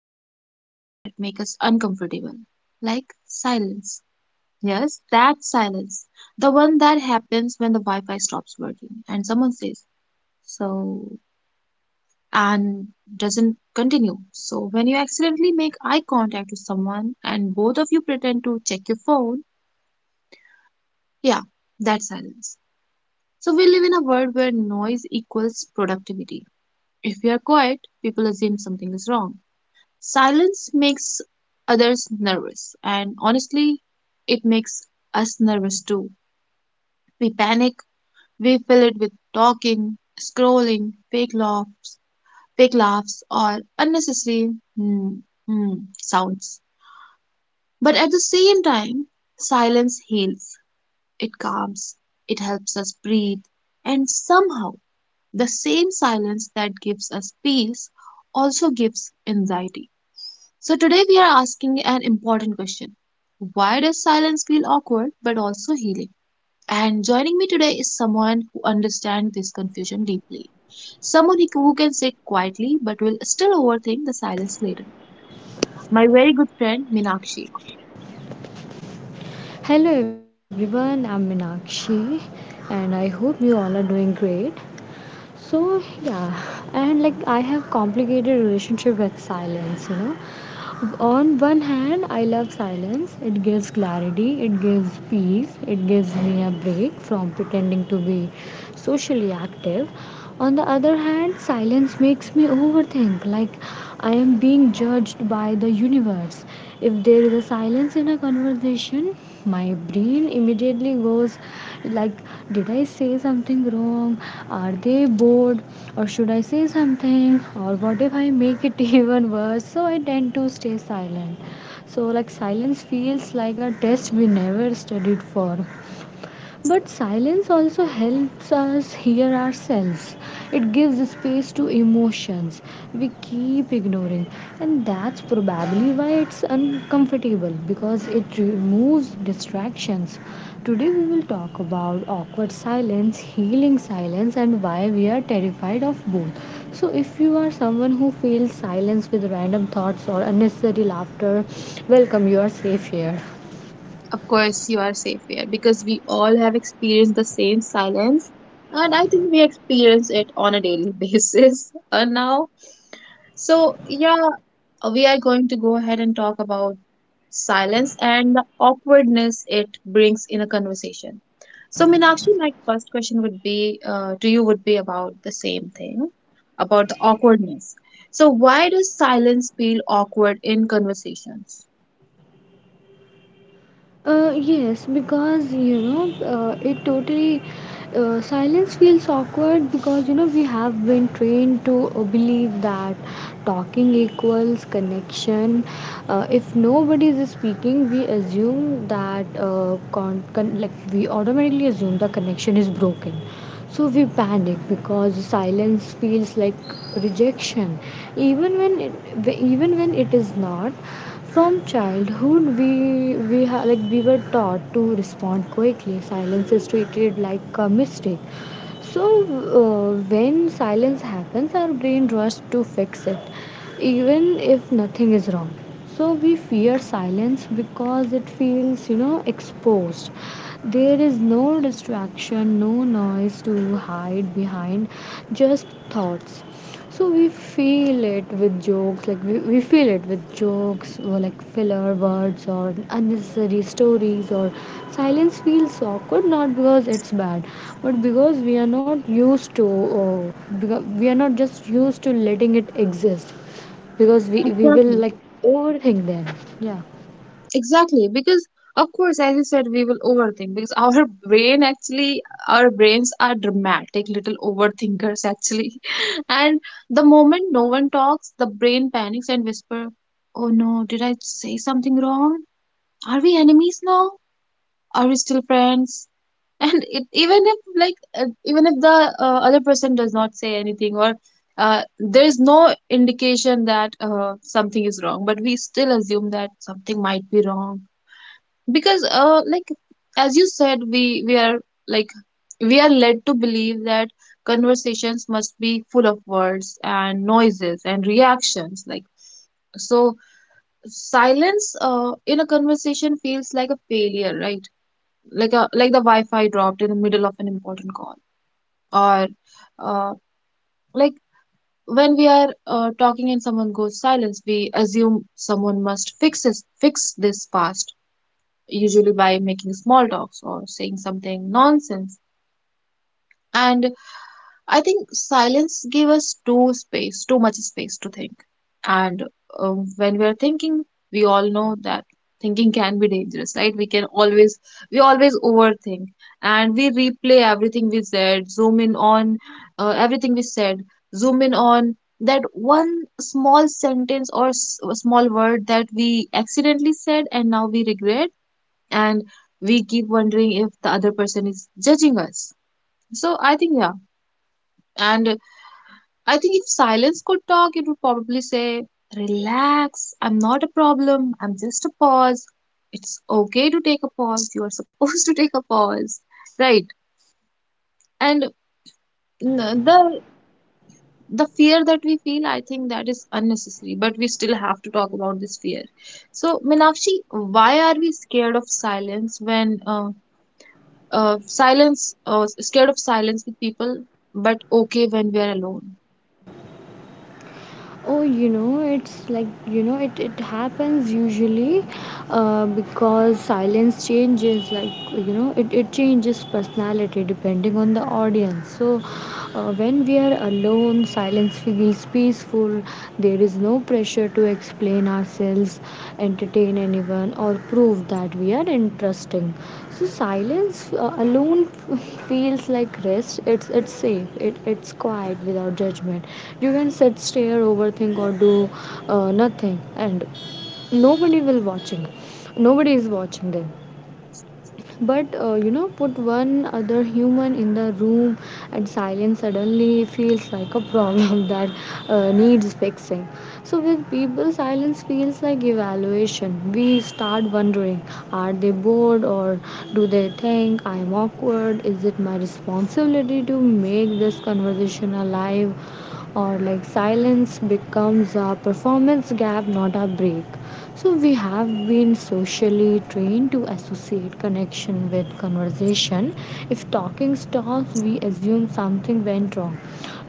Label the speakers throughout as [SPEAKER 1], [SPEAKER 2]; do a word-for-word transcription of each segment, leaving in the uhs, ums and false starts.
[SPEAKER 1] talk about things that make us uncomfortable, like silence. Yes, that silence. The one that happens when the Wi Fi stops working and someone says, so, and doesn't continue. So, when you accidentally make eye contact with someone and both of you pretend to check your phone, yeah, that's silence. So, we live in a world where noise equals productivity. If we are quiet, people assume something is wrong. Silence makes others nervous, and honestly, it makes us nervous too. We panic, we fill it with talking, scrolling, fake love, fake laughs, or unnecessary hmm, hmm sounds. But at the same time, silence heals, it calms, it helps us breathe, and somehow the same silence that gives us peace also gives anxiety. So today we are asking an important question. Why does silence feel awkward but also healing? And joining me today is someone who understands this confusion deeply. Someone who who can sit quietly but will still overthink the silence later. My very good friend Minakshi.
[SPEAKER 2] Hello everyone, I'm Minakshi and I hope you all are doing great. So yeah, and like I have complicated relationship with silence, you know. On one hand, I love silence. It gives clarity, it gives peace, it gives me a break from pretending to be socially active. On the other hand, silence makes me overthink, like I am being judged by the universe. If there is a silence in a conversation, my brain immediately goes like did I say something wrong, are they bored, or should I say something, or what if I make it even worse, so I tend to stay silent. So like silence feels like a test we never studied for, but silence also helps us hear ourselves. It gives space to emotions we keep ignoring, and that's probably why it's uncomfortable because it removes distractions. Today, we will talk about awkward silence, healing silence, and why we are terrified of both. So, if you are someone who feels silence with random thoughts or unnecessary laughter, welcome, you are safe here.
[SPEAKER 1] Of course, you are safe here because we all have experienced the same silence, and I think we experience it on a daily basis uh, now. So, yeah, we are going to go ahead and talk about silence and the awkwardness it brings in a conversation. So, Meenakshi, my first question would be uh, to you would be about the same thing, about the awkwardness. So, why does silence feel awkward in conversations?
[SPEAKER 2] Uh, yes, because you know, uh, it totally uh, silence feels awkward because you know we have been trained to uh, believe that talking equals connection. Uh, if nobody is speaking, we assume that uh, con- con- like we automatically assume the connection is broken. So we panic because silence feels like rejection, even when it, even when it is not. From childhood, we we ha- like we were taught to respond quickly. Silence is treated like a mistake. So uh, when silence happens, our brain rushes to fix it, even if nothing is wrong. So we fear silence because it feels, you know, exposed. There is no distraction, no noise to hide behind, just thoughts. So we feel it with jokes, like we, we feel it with jokes or like filler words or unnecessary stories, or silence feels awkward not because it's bad but because we are not used to, or because we are not just used to letting it exist because we, we will
[SPEAKER 1] Exactly.
[SPEAKER 2] like overthink then. Yeah.
[SPEAKER 1] Exactly, because of course, as you said, we will overthink because our brain actually, our brains are dramatic little overthinkers actually. And the moment no one talks, the brain panics and whisper, oh no, did I say something wrong? Are we enemies now? Are we still friends? And it, even if like uh, even if the uh, other person does not say anything, or uh, there is no indication that uh, something is wrong, but we still assume that something might be wrong because uh like, as you said, we we are like, we are led to believe that conversations must be full of words and noises and reactions. Like, so silence uh in a conversation feels like a failure, right? Like a, like the wi-fi dropped in the middle of an important call, or uh like when we are uh, talking and someone goes silence, we assume someone must fix this fix this fast, usually by making small talks or saying something nonsense. And I think silence gave us too space, too much space to think. And um, when we are thinking, we all know that thinking can be dangerous, right? We can always, we always overthink, and we replay everything we said, zoom in on uh, everything we said, zoom in on that one small sentence or s- small word that we accidentally said and now we regret, and we keep wondering if the other person is judging us. So I think, yeah. And I think if silence could talk, it would probably say, relax, I'm not a problem, I'm just a pause. It's okay to take a pause, you are supposed to take a pause, right? And n- the the fear that we feel, I think that is unnecessary, but we still have to talk about this fear. So, Minakshi, why are we scared of silence when uh, uh, silence, uh, scared of silence with people, but okay when we are alone?
[SPEAKER 2] Oh, you know, it's like, you know, it, it happens usually uh, because silence changes, like, you know, it, it changes personality depending on the audience. So, uh, when we are alone, silence feels peaceful, there is no pressure pressure to explain ourselves, entertain anyone, or prove that we are interesting. So silence uh, alone feels like rest. It's it's safe. It, it's quiet without judgment. You can sit, stare, overthink, or do uh, nothing, and nobody will watching. Nobody is watching them, but uh, you know, put one other human in the room and silence suddenly feels like a problem that uh, needs fixing. So with people silence feels like evaluation, we start wondering, are they bored, or do they think I'm awkward, is it my responsibility to make this conversation alive, or like silence becomes a performance gap, not a break. So we have been socially trained to associate connection with conversation. If talking stops, we assume something went wrong.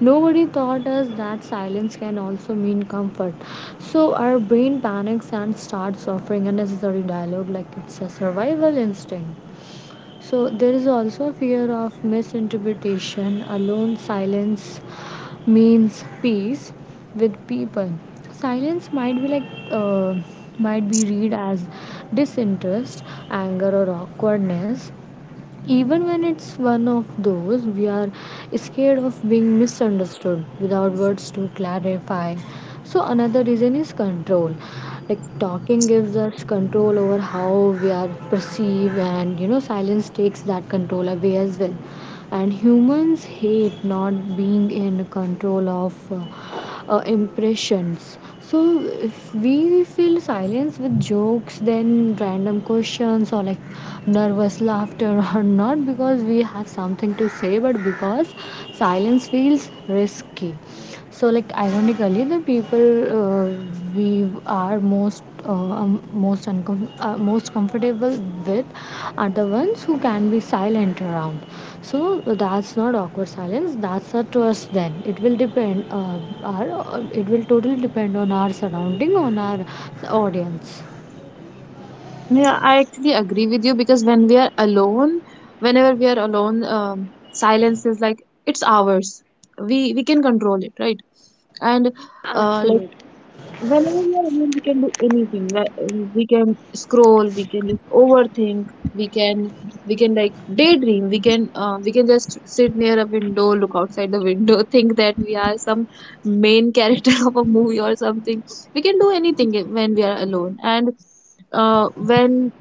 [SPEAKER 2] Nobody taught us that silence can also mean comfort. So our brain panics and starts offering unnecessary dialogue like it's a survival instinct. So there is also fear of misinterpretation, alone silence means peace, with people. Silence might be like uh, might be read as disinterest, anger, or awkwardness, even when it's one of those, we are scared of being misunderstood without words to clarify. So another reason is control, like talking gives us control over how we are perceived, and you know silence takes that control away as well, and humans hate not being in control of uh, uh, impressions. So if we fill silence with jokes, then random questions or like nervous laughter, or not because we have something to say, but because silence feels risky. So like ironically, the people uh, we are most uh, um, most uncom- uh, most comfortable with are the ones who can be silent around, so that's not awkward silence. That's up to us then. It will depend. Uh, our uh, It will totally depend on our surrounding, on our audience.
[SPEAKER 1] Yeah, I actually agree with you because when we are alone, whenever we are alone, um, silence is like, it's ours. We we can control it, right? And uh,
[SPEAKER 2] Absolutely.
[SPEAKER 1] whenever we are alone, we can do anything. Like um, we can scroll, we can just overthink, we can we can like daydream. We can uh, we can just sit near a window, look outside the window, think that we are some main character of a movie or something. We can do anything when we are alone, and uh, when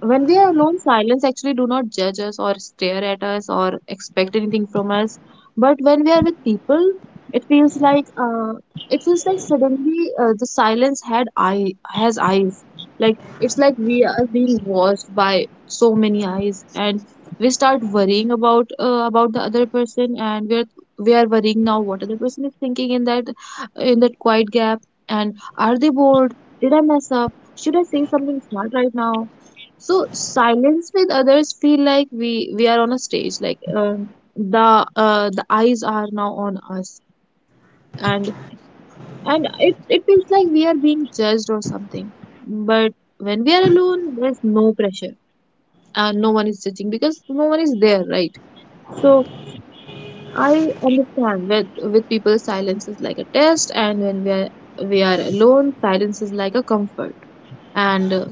[SPEAKER 1] when we are alone, silence actually do not judge us or stare at us or expect anything from us. But when we are with people, it feels like uh, it feels like suddenly uh, the silence had eye has eyes. Like, it's like we are being watched by so many eyes, and we start worrying about uh, about the other person, and we are we are worrying now what other person is thinking in that, in that quiet gap. And are they bored? Did I mess up? Should I say something smart right now? So silence with others feel like we we are on a stage, like um, the uh, the eyes are now on us, and and it, it feels like we are being judged or something. But when we are alone, there's no pressure and no one is judging because no one is there, right? So I understand, with with people, silence is like a test, and when we are, we are alone, silence is like a comfort. And uh,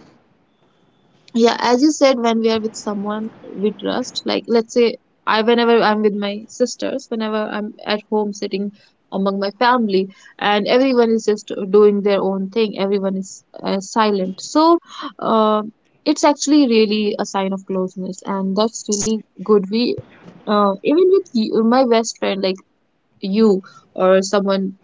[SPEAKER 1] Yeah, as you said, when we are with someone we trust, like, let's say, I, whenever I'm with my sisters, whenever I'm at home sitting among my family, and everyone is just doing their own thing, everyone is uh, silent, so uh, it's actually really a sign of closeness, and that's really good. We uh, Even with you, my best friend, like you, or someone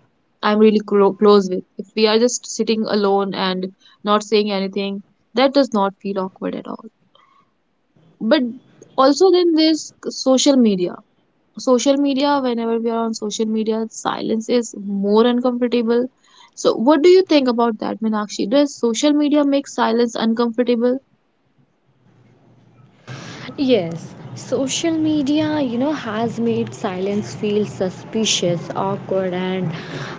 [SPEAKER 1] I'm really clo- close with, if we are just sitting alone and not saying anything, that does not feel awkward at all. But also, then there's social media. Social media, whenever we are on social media, silence is more uncomfortable. So what do you think about that, Meenakshi? Does social media make silence uncomfortable?
[SPEAKER 2] Yes, social media, you know, has made silence feel suspicious, awkward, and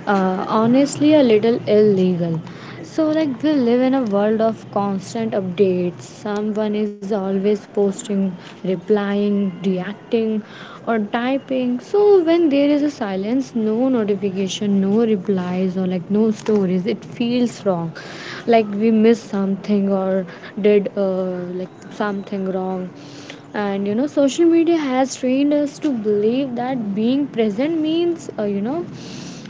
[SPEAKER 2] uh, honestly a little illegal. So, like, we live in a world of constant updates. Someone is always posting posting, replying, reacting, or typing. So when there is a silence, no notification, no replies, or like no stories, it feels wrong. Like we missed something or did uh, like something wrong. And you know, social media has trained us to believe that being present means, uh, you know,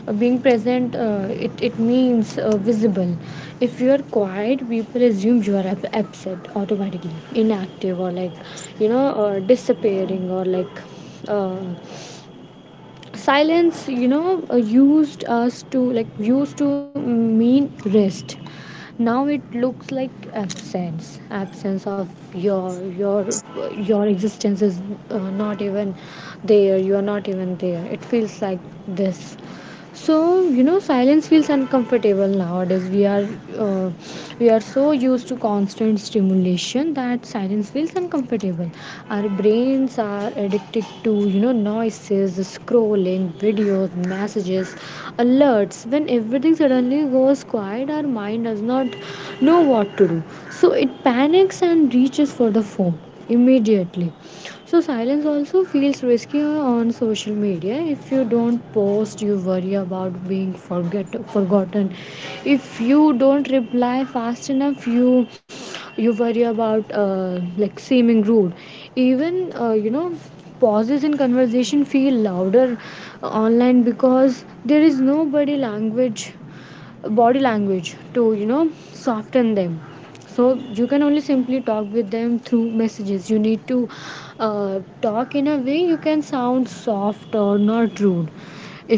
[SPEAKER 2] uh, being present uh, it, it means uh, visible. If you are quiet, people assume you are ab- absent, automatically inactive, or like you know uh, disappearing, or like uh, silence, you know, uh, used us to like used to mean rest. Now it looks like absence absence of your your your existence is uh, not even there, you are not even there, it feels like this. So you know silence feels uncomfortable nowadays. we are uh, we are so used to constant stimulation that silence feels uncomfortable. Our brains are addicted to you know noises, scrolling, videos, messages, alerts. When everything suddenly goes quiet, our mind does not know what to do, so it panics and reaches for the phone immediately. So silence also feels risky on social media. If you don't post, you worry about being forget forgotten. If you don't reply fast enough, you you worry about uh, like seeming rude. Even uh, you know, pauses in conversation feel louder online because there is nobody language, body language, to you know soften them. So you can only simply talk with them through messages, you need to uh, talk in a way you can sound soft or not rude.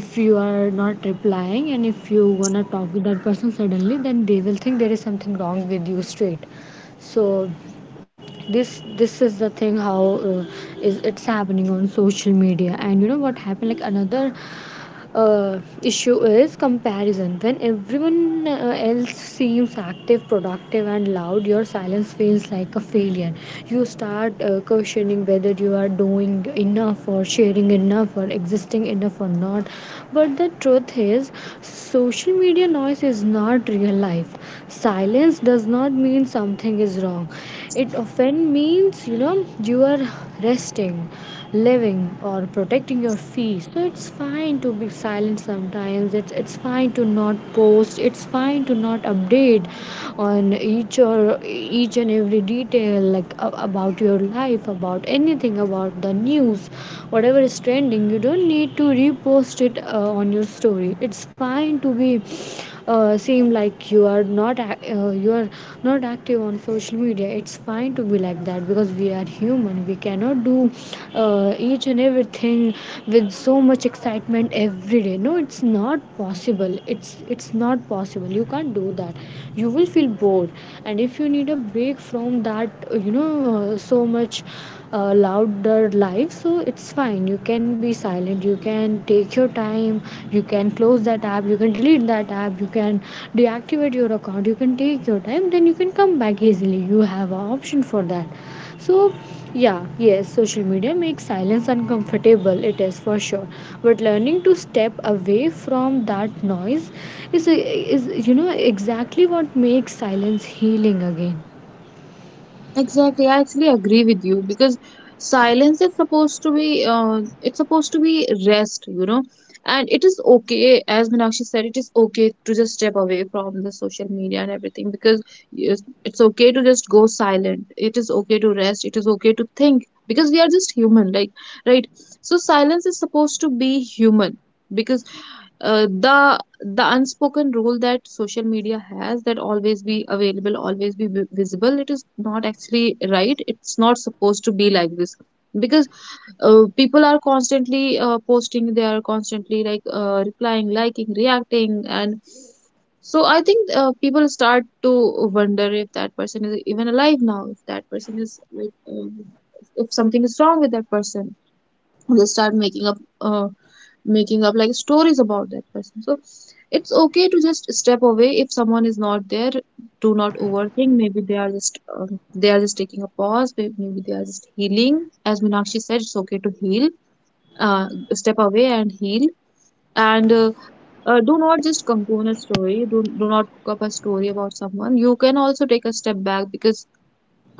[SPEAKER 2] If you are not replying and if you wanna talk with that person suddenly, then they will think there is something wrong with you, straight. So this this is the thing how uh, is it's happening on social media. And you know what happened, like another uh, issue is comparison. When everyone uh, else seems active, productive, and loud, your silence feels like a failure. You start uh, questioning whether you are doing enough, or sharing enough, or existing enough, or not. But the truth is, social media noise is not real life. Silence does not mean something is wrong, it often means, you know, you are resting, living, or protecting your peace. So it's fine to be silent sometimes. It's it's fine to not post. It's fine to not update on each, or each and every detail like a- about your life, about anything, about the news, whatever is trending. You don't need to repost it uh, on your story. It's fine to be uh, seem like you are not ac- uh, you are not active on social media. It's fine to be like that because we are human, we cannot do uh, each and everything with so much excitement every day. No, it's not possible, it's it's not possible, you can't do that. You will feel bored, loud, and if you need a break from that, you know, uh, so much uh, louder life, so it's fine, you can be silent, you can take your time. You can close that app, you can delete that app, you can deactivate your account, you can take your time, then you can come back easily, you have an option for that. So yeah, yes, social media makes silence uncomfortable, it is for sure, but learning to step away from that noise is is you know exactly what makes silence healing again.
[SPEAKER 1] Exactly, I actually agree with you because silence is supposed to be uh, it's supposed to be rest, you know, and it is okay, as Meenakshi said, it is okay to just step away from the social media and everything because yes, it's okay to just go silent. It is okay to rest. It is okay to think because we are just human, like, right? So silence is supposed to be human because uh, the the unspoken rule that social media has, that always be available, always be vi- visible, it is not actually right, it's not supposed to be like this. Because uh, people are constantly uh, posting, they are constantly like uh, replying, liking, reacting, and so I think uh, people start to wonder if that person is even alive now, if that person is like um, if something is wrong with that person, they start making up uh, making up like stories about that person. So it's okay to just step away. If someone is not there, do not overthink. Maybe they are just um, they are just taking a pause. May- maybe they are just healing. As Meenakshi said, it's okay to heal, uh, step away and heal. And uh, uh, Do not just cocoon a story. Do, do not cook up a story about someone. You can also take a step back because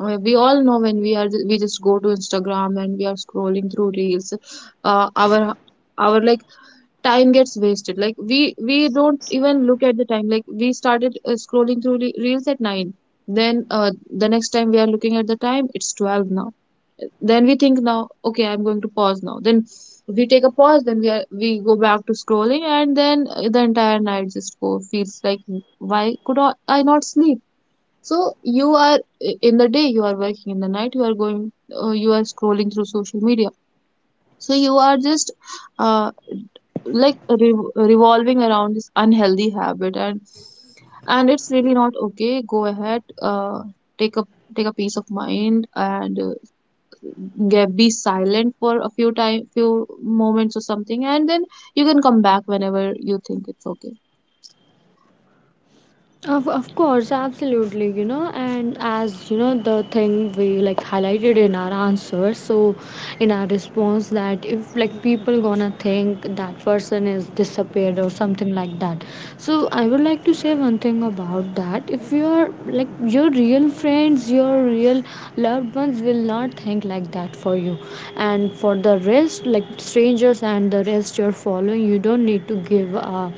[SPEAKER 1] uh, we all know, when we are, we just go to Instagram and we are scrolling through reels, uh, our our like time gets wasted, like we we don't even look at the time. Like we started uh, scrolling through re- reels at nine, then uh, the next time we are looking at the time, it's twelve now. Then we think, now okay, I'm going to pause now. Then we take a pause, then we are, we go back to scrolling, and then uh, the entire night just go feels like, why could i I not sleep? So you are, in the day, you are working, in the night, you are going, uh, you are scrolling through social media. So you are just uh, like rev- revolving around this unhealthy habit, and and it's really not okay. Go ahead, uh, take a, take a peace of mind, and uh, get, be silent for a few time few moments or something, and then you can come back whenever you think it's okay.
[SPEAKER 2] Of, of course, absolutely, you know, and as you know, the thing we like highlighted in our answer, so in our response, that if like people gonna think that person is disappeared or something like that. So, I would like to say one thing about that. If you're like, your real friends, your real loved ones will not think like that for you, and for the rest, like strangers and the rest, your following, you don't need to give a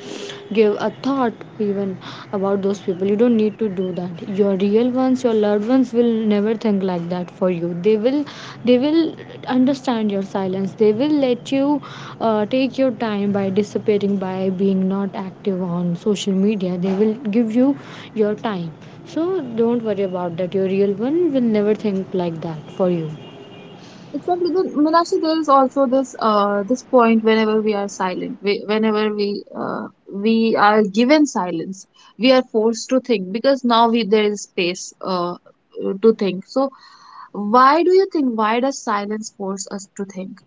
[SPEAKER 2] give a thought even about those people, you don't need to do that. Your real ones, your loved ones will never think like that for you, they will they will understand your silence, they will let you uh, take your time by dissipating, by being not active on social media, they will give you your time. So don't worry about that, your real one will never think like that for you.
[SPEAKER 1] Exactly. Then, Meenakshi, there is also this uh, this point, whenever we are silent, we, whenever we uh, we are given silence, we are forced to think because now we there is space uh, to think. So, why do you think? Why does silence force us to think?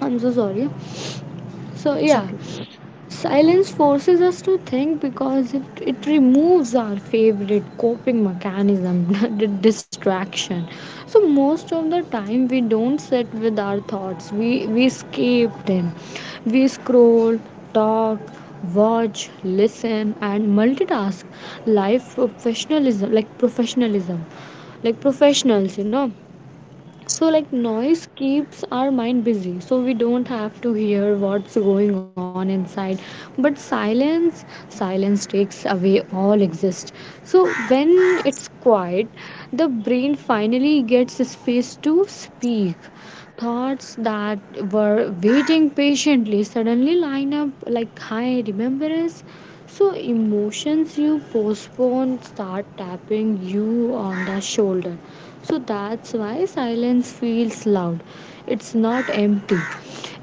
[SPEAKER 2] I'm so sorry. So
[SPEAKER 1] It's
[SPEAKER 2] yeah.
[SPEAKER 1] okay.
[SPEAKER 2] Silence forces us to think because it, it removes our favorite coping mechanism, the distraction. So most of the time we don't sit with our thoughts. We we escape them. We scroll, talk, watch, listen and multitask. Life professionalism, like professionalism. Like professionals, you know so like noise keeps our mind busy so we don't have to hear what's going on inside, but silence silence takes away all exist. So when it's quiet, the brain finally gets space to speak. Thoughts that were waiting patiently suddenly line up like high remembrance. So emotions you postpone start tapping you on the shoulder. So that's why silence feels loud. It's not empty,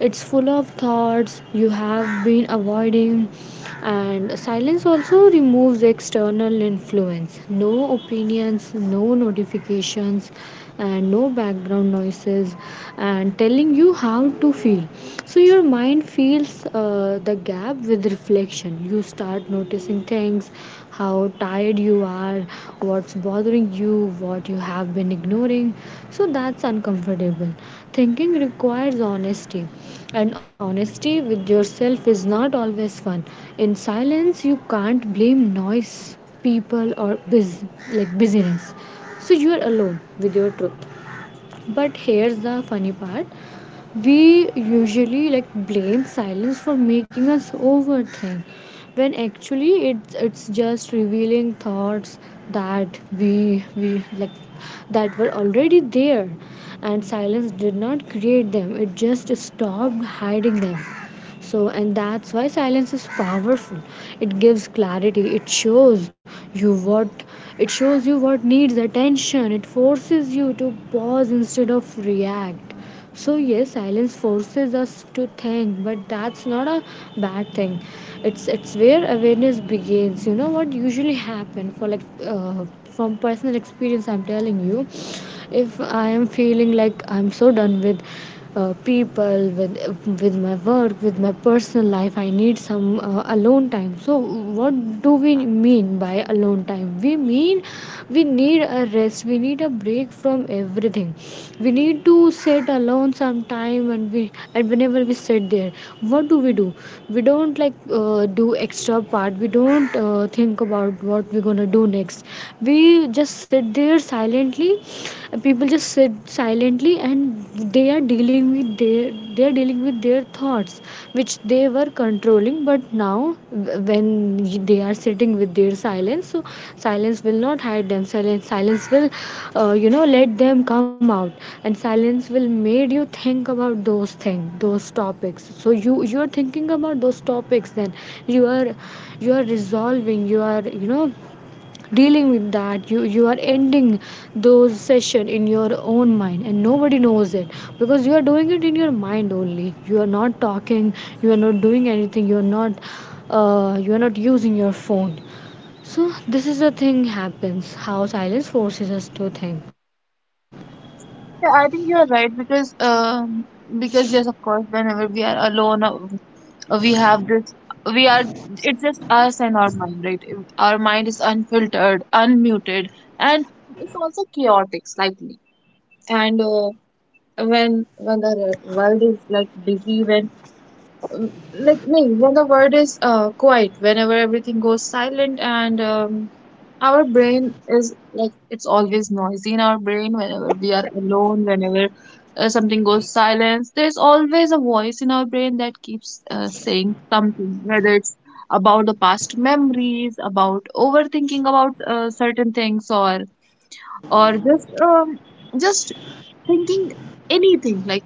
[SPEAKER 2] it's full of thoughts you have been avoiding. And silence also removes external influence, no opinions, no notifications, and no background noises, and telling you how to feel. So your mind fills uh, the gap with reflection. You start start noticing things, how tired you are, what's bothering you, what you have been ignoring. So that's uncomfortable. Thinking requires honesty, and honesty with yourself is not always fun. In silence, you can't blame noise, people, or bus- like busyness. So you are alone with your truth. But here's the funny part, we usually like blame silence for making us overthink, when actually it's it's just revealing thoughts that we we like that were already there. And silence did not create them, it just stopped hiding them. So and that's why silence is powerful. It gives clarity. it shows you what it shows you what needs attention. It forces you to pause instead of react. So yes, silence forces us to think, but that's not a bad thing. It's it's where awareness begins. You know what usually happen for like, uh, from personal experience, I'm telling you, if I am feeling like I'm so done with uh, people, with with my work, with my personal life, I need some uh, alone time. So what do we mean by alone time? We mean we need a rest. We need a break from everything. We need to sit alone sometime, and we and whenever we sit there, what do we do? We don't like uh, do extra part. We don't uh, think about what we're gonna do next. We just sit there silently. People just sit silently and they are dealing with their they are dealing with their thoughts, which they were controlling, but now w- when they are sitting with their silence. So silence will not hide them. Silence silence will, uh, you know let them come out. And silence will made you think about those things, those topics. So you you are thinking about those topics, then you are, you are resolving you are you know dealing with that. You you are ending those session in your own mind, and nobody knows it, because you are doing it in your mind only. You are not talking, you are not doing anything, you are not, uh, you are not using your phone. So this is the thing happens, how silence forces us to think.
[SPEAKER 1] Yeah, I think you are right, because um because yes, of course, whenever we are alone, uh, uh, we have this we are it's just us and our mind, right? If our mind is unfiltered, unmuted, and it's also chaotic slightly. And uh, when when the re- world is like busy, when um, like no, when the world is uh, quiet, whenever everything goes silent. And um, our brain is like, it's always noisy in our brain whenever we are alone, whenever uh, something goes silence. There's always a voice in our brain that keeps uh, saying something, whether it's about the past memories, about overthinking, about uh, certain things, or or just um, just thinking anything like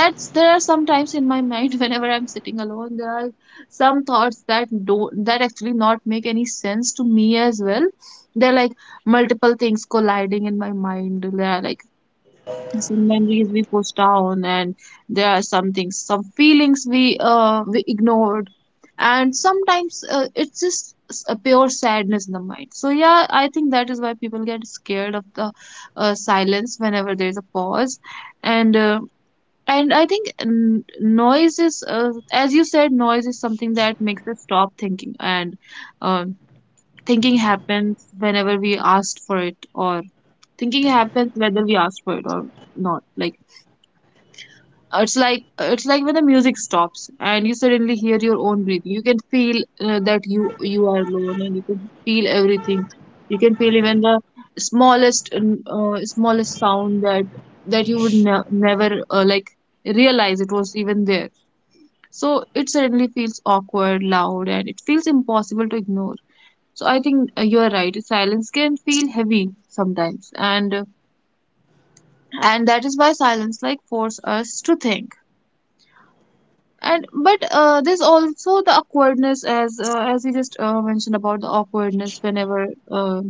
[SPEAKER 1] that's there are some times in my mind whenever I'm sitting alone. There are some thoughts that don't that actually not make any sense to me as well. They're like multiple things colliding in my mind. They're like some memories we push down, and there are some things, some feelings we uh, we ignored. And sometimes uh, it's just s- a pure sadness in the mind. So yeah, I think that is why people get scared of the uh, silence whenever there's a pause. And uh, and I think n- noise is, uh, as you said, noise is something that makes us stop thinking. And um thinking happens whenever we asked for it or thinking happens whether we ask for it or not. Like it's like, it's like when the music stops and you suddenly hear your own breathing, you can feel uh, that you you are alone, and you can feel everything. You can feel even the smallest, uh, smallest sound that that you would ne- never uh, like realize it was even there. So it suddenly feels awkward, loud, and it feels impossible to ignore. So I think, uh, you are right, silence can feel heavy sometimes. And uh, and that is why silence like force us to think. And but uh, there's also the awkwardness, as uh, as you just uh, mentioned about the awkwardness. Whenever uh,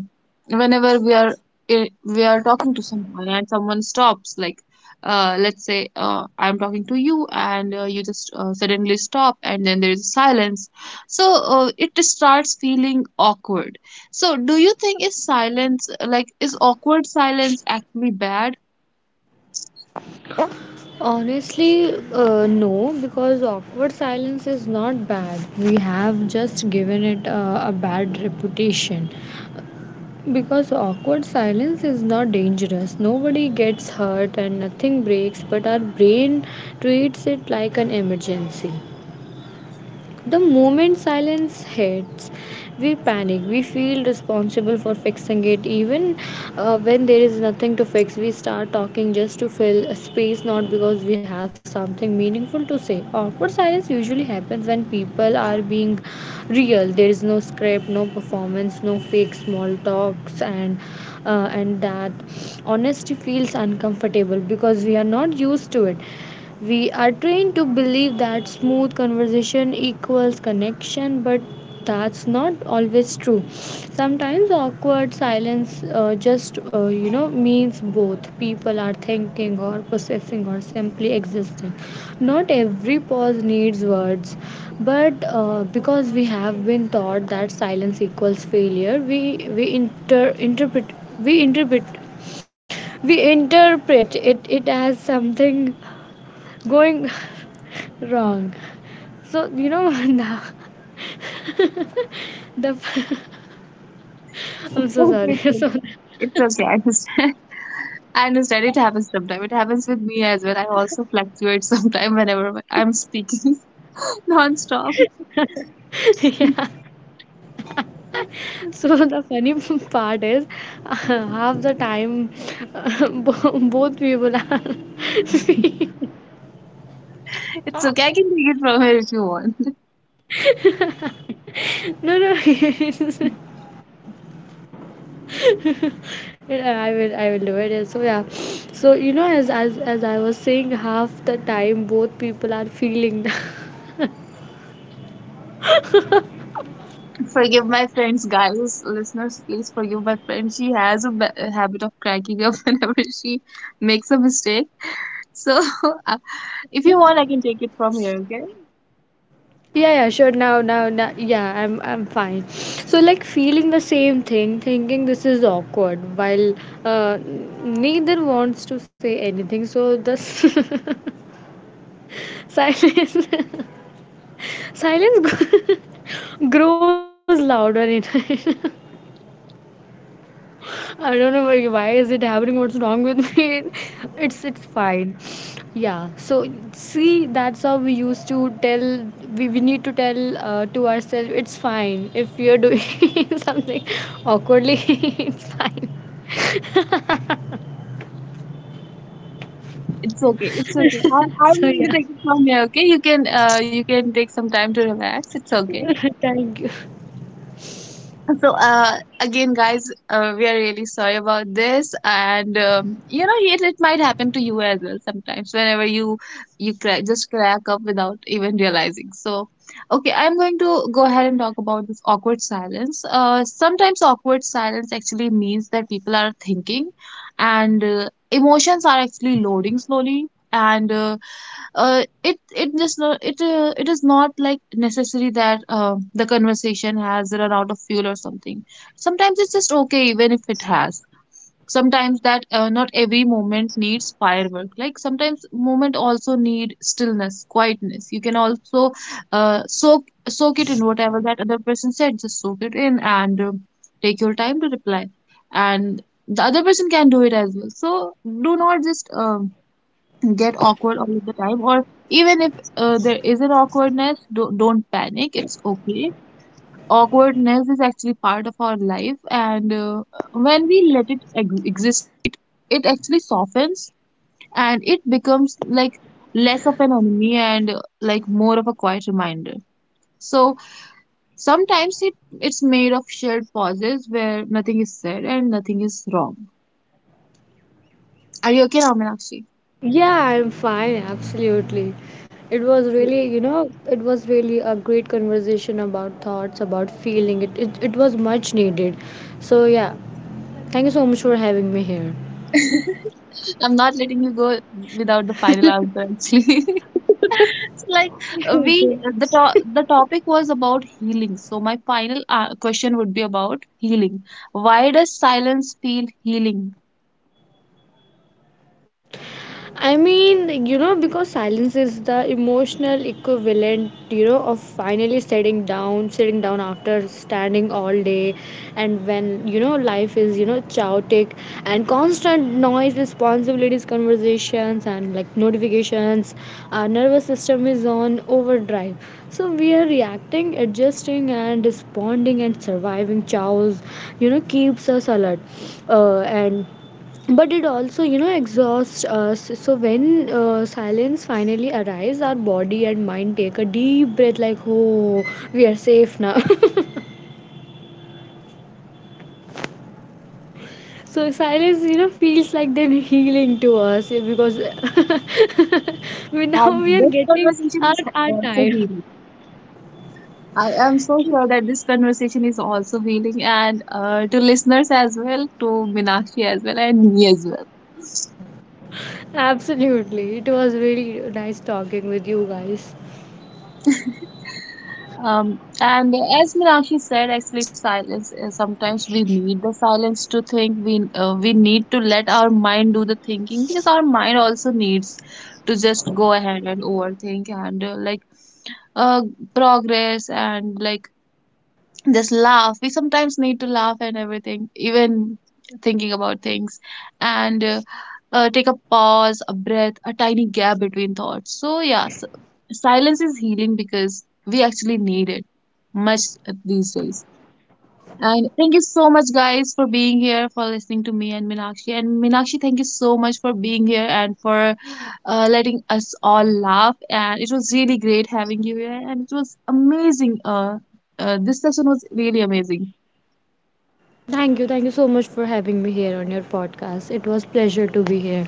[SPEAKER 1] whenever we are i- we are talking to someone and someone stops, like uh, let's say uh, I'm talking to you, and uh, you just uh, suddenly stop, and then there is silence. So uh, it starts feeling awkward. So do you think is silence, like, is awkward silence actually bad?
[SPEAKER 2] Honestly, uh, no, because awkward silence is not bad. We have just given it a, a bad reputation. Because awkward silence is not dangerous. Nobody gets hurt and nothing breaks, but our brain treats it like an emergency. The moment silence hits, we panic. We feel responsible for fixing it, even uh, when there is nothing to fix. We start talking just to fill a space, not because we have something meaningful to say. Awkward silence usually happens when people are being real. There is no script, no performance, no fake small talks, and uh, and that honesty feels uncomfortable because we are not used to it. We are trained to believe that smooth conversation equals connection, but that's not always true. Sometimes awkward silence, uh, just uh, you know means both people are thinking or processing or simply existing. Not every pause needs words, but uh, because we have been taught that silence equals failure, we we inter- interpret we interpret we interpret it, it as something going wrong. So you know the the
[SPEAKER 1] It's
[SPEAKER 2] I'm so
[SPEAKER 1] okay.
[SPEAKER 2] sorry.
[SPEAKER 1] It's okay. It's okay. I understand. I understand. It happens sometimes. It happens with me as well. I also fluctuate sometimes whenever I'm speaking non-stop.
[SPEAKER 2] So so the funny part is, uh, half the time, uh, bo- both people are,
[SPEAKER 1] It's okay. I can take it from here if you want.
[SPEAKER 2] no, no, I will I will do it. Yeah, so yeah. So you know, as as as I was saying, half the time both people are feeling the,
[SPEAKER 1] Forgive my friends, guys. Listeners, please forgive my friend. She has a ba- a habit of cracking up whenever she makes a mistake. So, uh, if you want, I can take it from here. Okay.
[SPEAKER 2] yeah, yeah, sure. Now, now, now, yeah, I'm, I'm fine. So, like, feeling the same thing, thinking this is awkward, while, uh, neither wants to say anything. So, the silence, silence grows louder in, I don't know why, why is it happening. What's wrong with me? It's it's fine. Yeah. So see, that's how we used to tell. We, we need to tell uh, to ourselves. It's fine if we are doing something awkwardly. It's fine.
[SPEAKER 1] It's okay. It's okay. I, I'm
[SPEAKER 2] So
[SPEAKER 1] going to
[SPEAKER 2] yeah.
[SPEAKER 1] take it from here. Okay, you can uh, you can take some time to relax. It's okay.
[SPEAKER 2] Thank you.
[SPEAKER 1] So uh, again, guys, uh, we are really sorry about this, and um, you know, it, it might happen to you as well sometimes. Whenever you you crack, just crack up without even realizing. So okay, I'm going to go ahead and talk about this awkward silence. Uh, sometimes awkward silence actually means that people are thinking, and uh, emotions are actually loading slowly, and uh, uh, it it just not it uh, it is not like necessary that uh, the conversation has run out of fuel or something. Sometimes it's just okay even if it has. Sometimes that uh, not every moment needs firework. Like sometimes moment also need stillness, quietness. You can also uh, soak soak it in whatever that other person said. Just soak it in, and uh, take your time to reply. And the other person can do it as well. So do not just um get awkward all the time, or even if uh, there is an awkwardness, don't, don't panic, it's okay. Awkwardness is actually part of our life, and uh, when we let it ex- exist, right, it actually softens, and it becomes like less of an enemy, and uh, like more of a quiet reminder. So sometimes it it's made of shared pauses where nothing is said and nothing is wrong. Are you okay now, Meenakshi?
[SPEAKER 2] Yeah, I'm fine. Absolutely. It was really, you know, it was really a great conversation about thoughts, about feeling. It it, it was much needed. So yeah. Thank you so much for having me here.
[SPEAKER 1] I'm not letting you go without the final answer, actually. So, like, uh, we uh, the to- the topic was about healing. So my final uh, question would be about healing. Why does silence feel healing?
[SPEAKER 2] I mean, you know, because silence is the emotional equivalent, you know, of finally sitting down, sitting down after standing all day. And when, you know, life is, you know, chaotic, and constant noise, responsibilities, conversations, and like notifications, our nervous system is on overdrive. So we are reacting, adjusting, and responding and surviving chaos, you know, keeps us alert. Uh, and but it also, you know, exhausts us. So when uh, silence finally arrives, our body and mind take a deep breath, like, oh, we are safe now. So silence, you know, feels like then healing to us, eh, because we now
[SPEAKER 1] And
[SPEAKER 2] we are
[SPEAKER 1] this
[SPEAKER 2] getting
[SPEAKER 1] conversation
[SPEAKER 2] our,
[SPEAKER 1] is
[SPEAKER 2] our
[SPEAKER 1] also
[SPEAKER 2] time.
[SPEAKER 1] healing. I am so sure that this conversation is also healing, and uh, to listeners as well, to Minakshi as well, and me as well.
[SPEAKER 2] Absolutely, it was really nice talking with you guys.
[SPEAKER 1] Um, and as Meenakshi said, actually, silence. uh, Sometimes we need the silence to think. We uh, we need to let our mind do the thinking, because our mind also needs to just go ahead and overthink, and uh, like uh progress, and like just laugh. We sometimes need to laugh and everything, even thinking about things, and uh, uh, take a pause, a breath, a tiny gap between thoughts. So yeah, s silence is healing because we actually need it much uh, these days. And thank you so much, guys, for being here, for listening to me and Minakshi. And Minakshi, thank you so much for being here, and for uh, letting us all laugh. And it was really great having you here. And it was amazing. Uh, uh, this session was really amazing.
[SPEAKER 2] Thank you thank you so much for having me here on your podcast. It was pleasure to be here.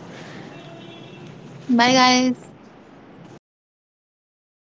[SPEAKER 1] Bye, guys.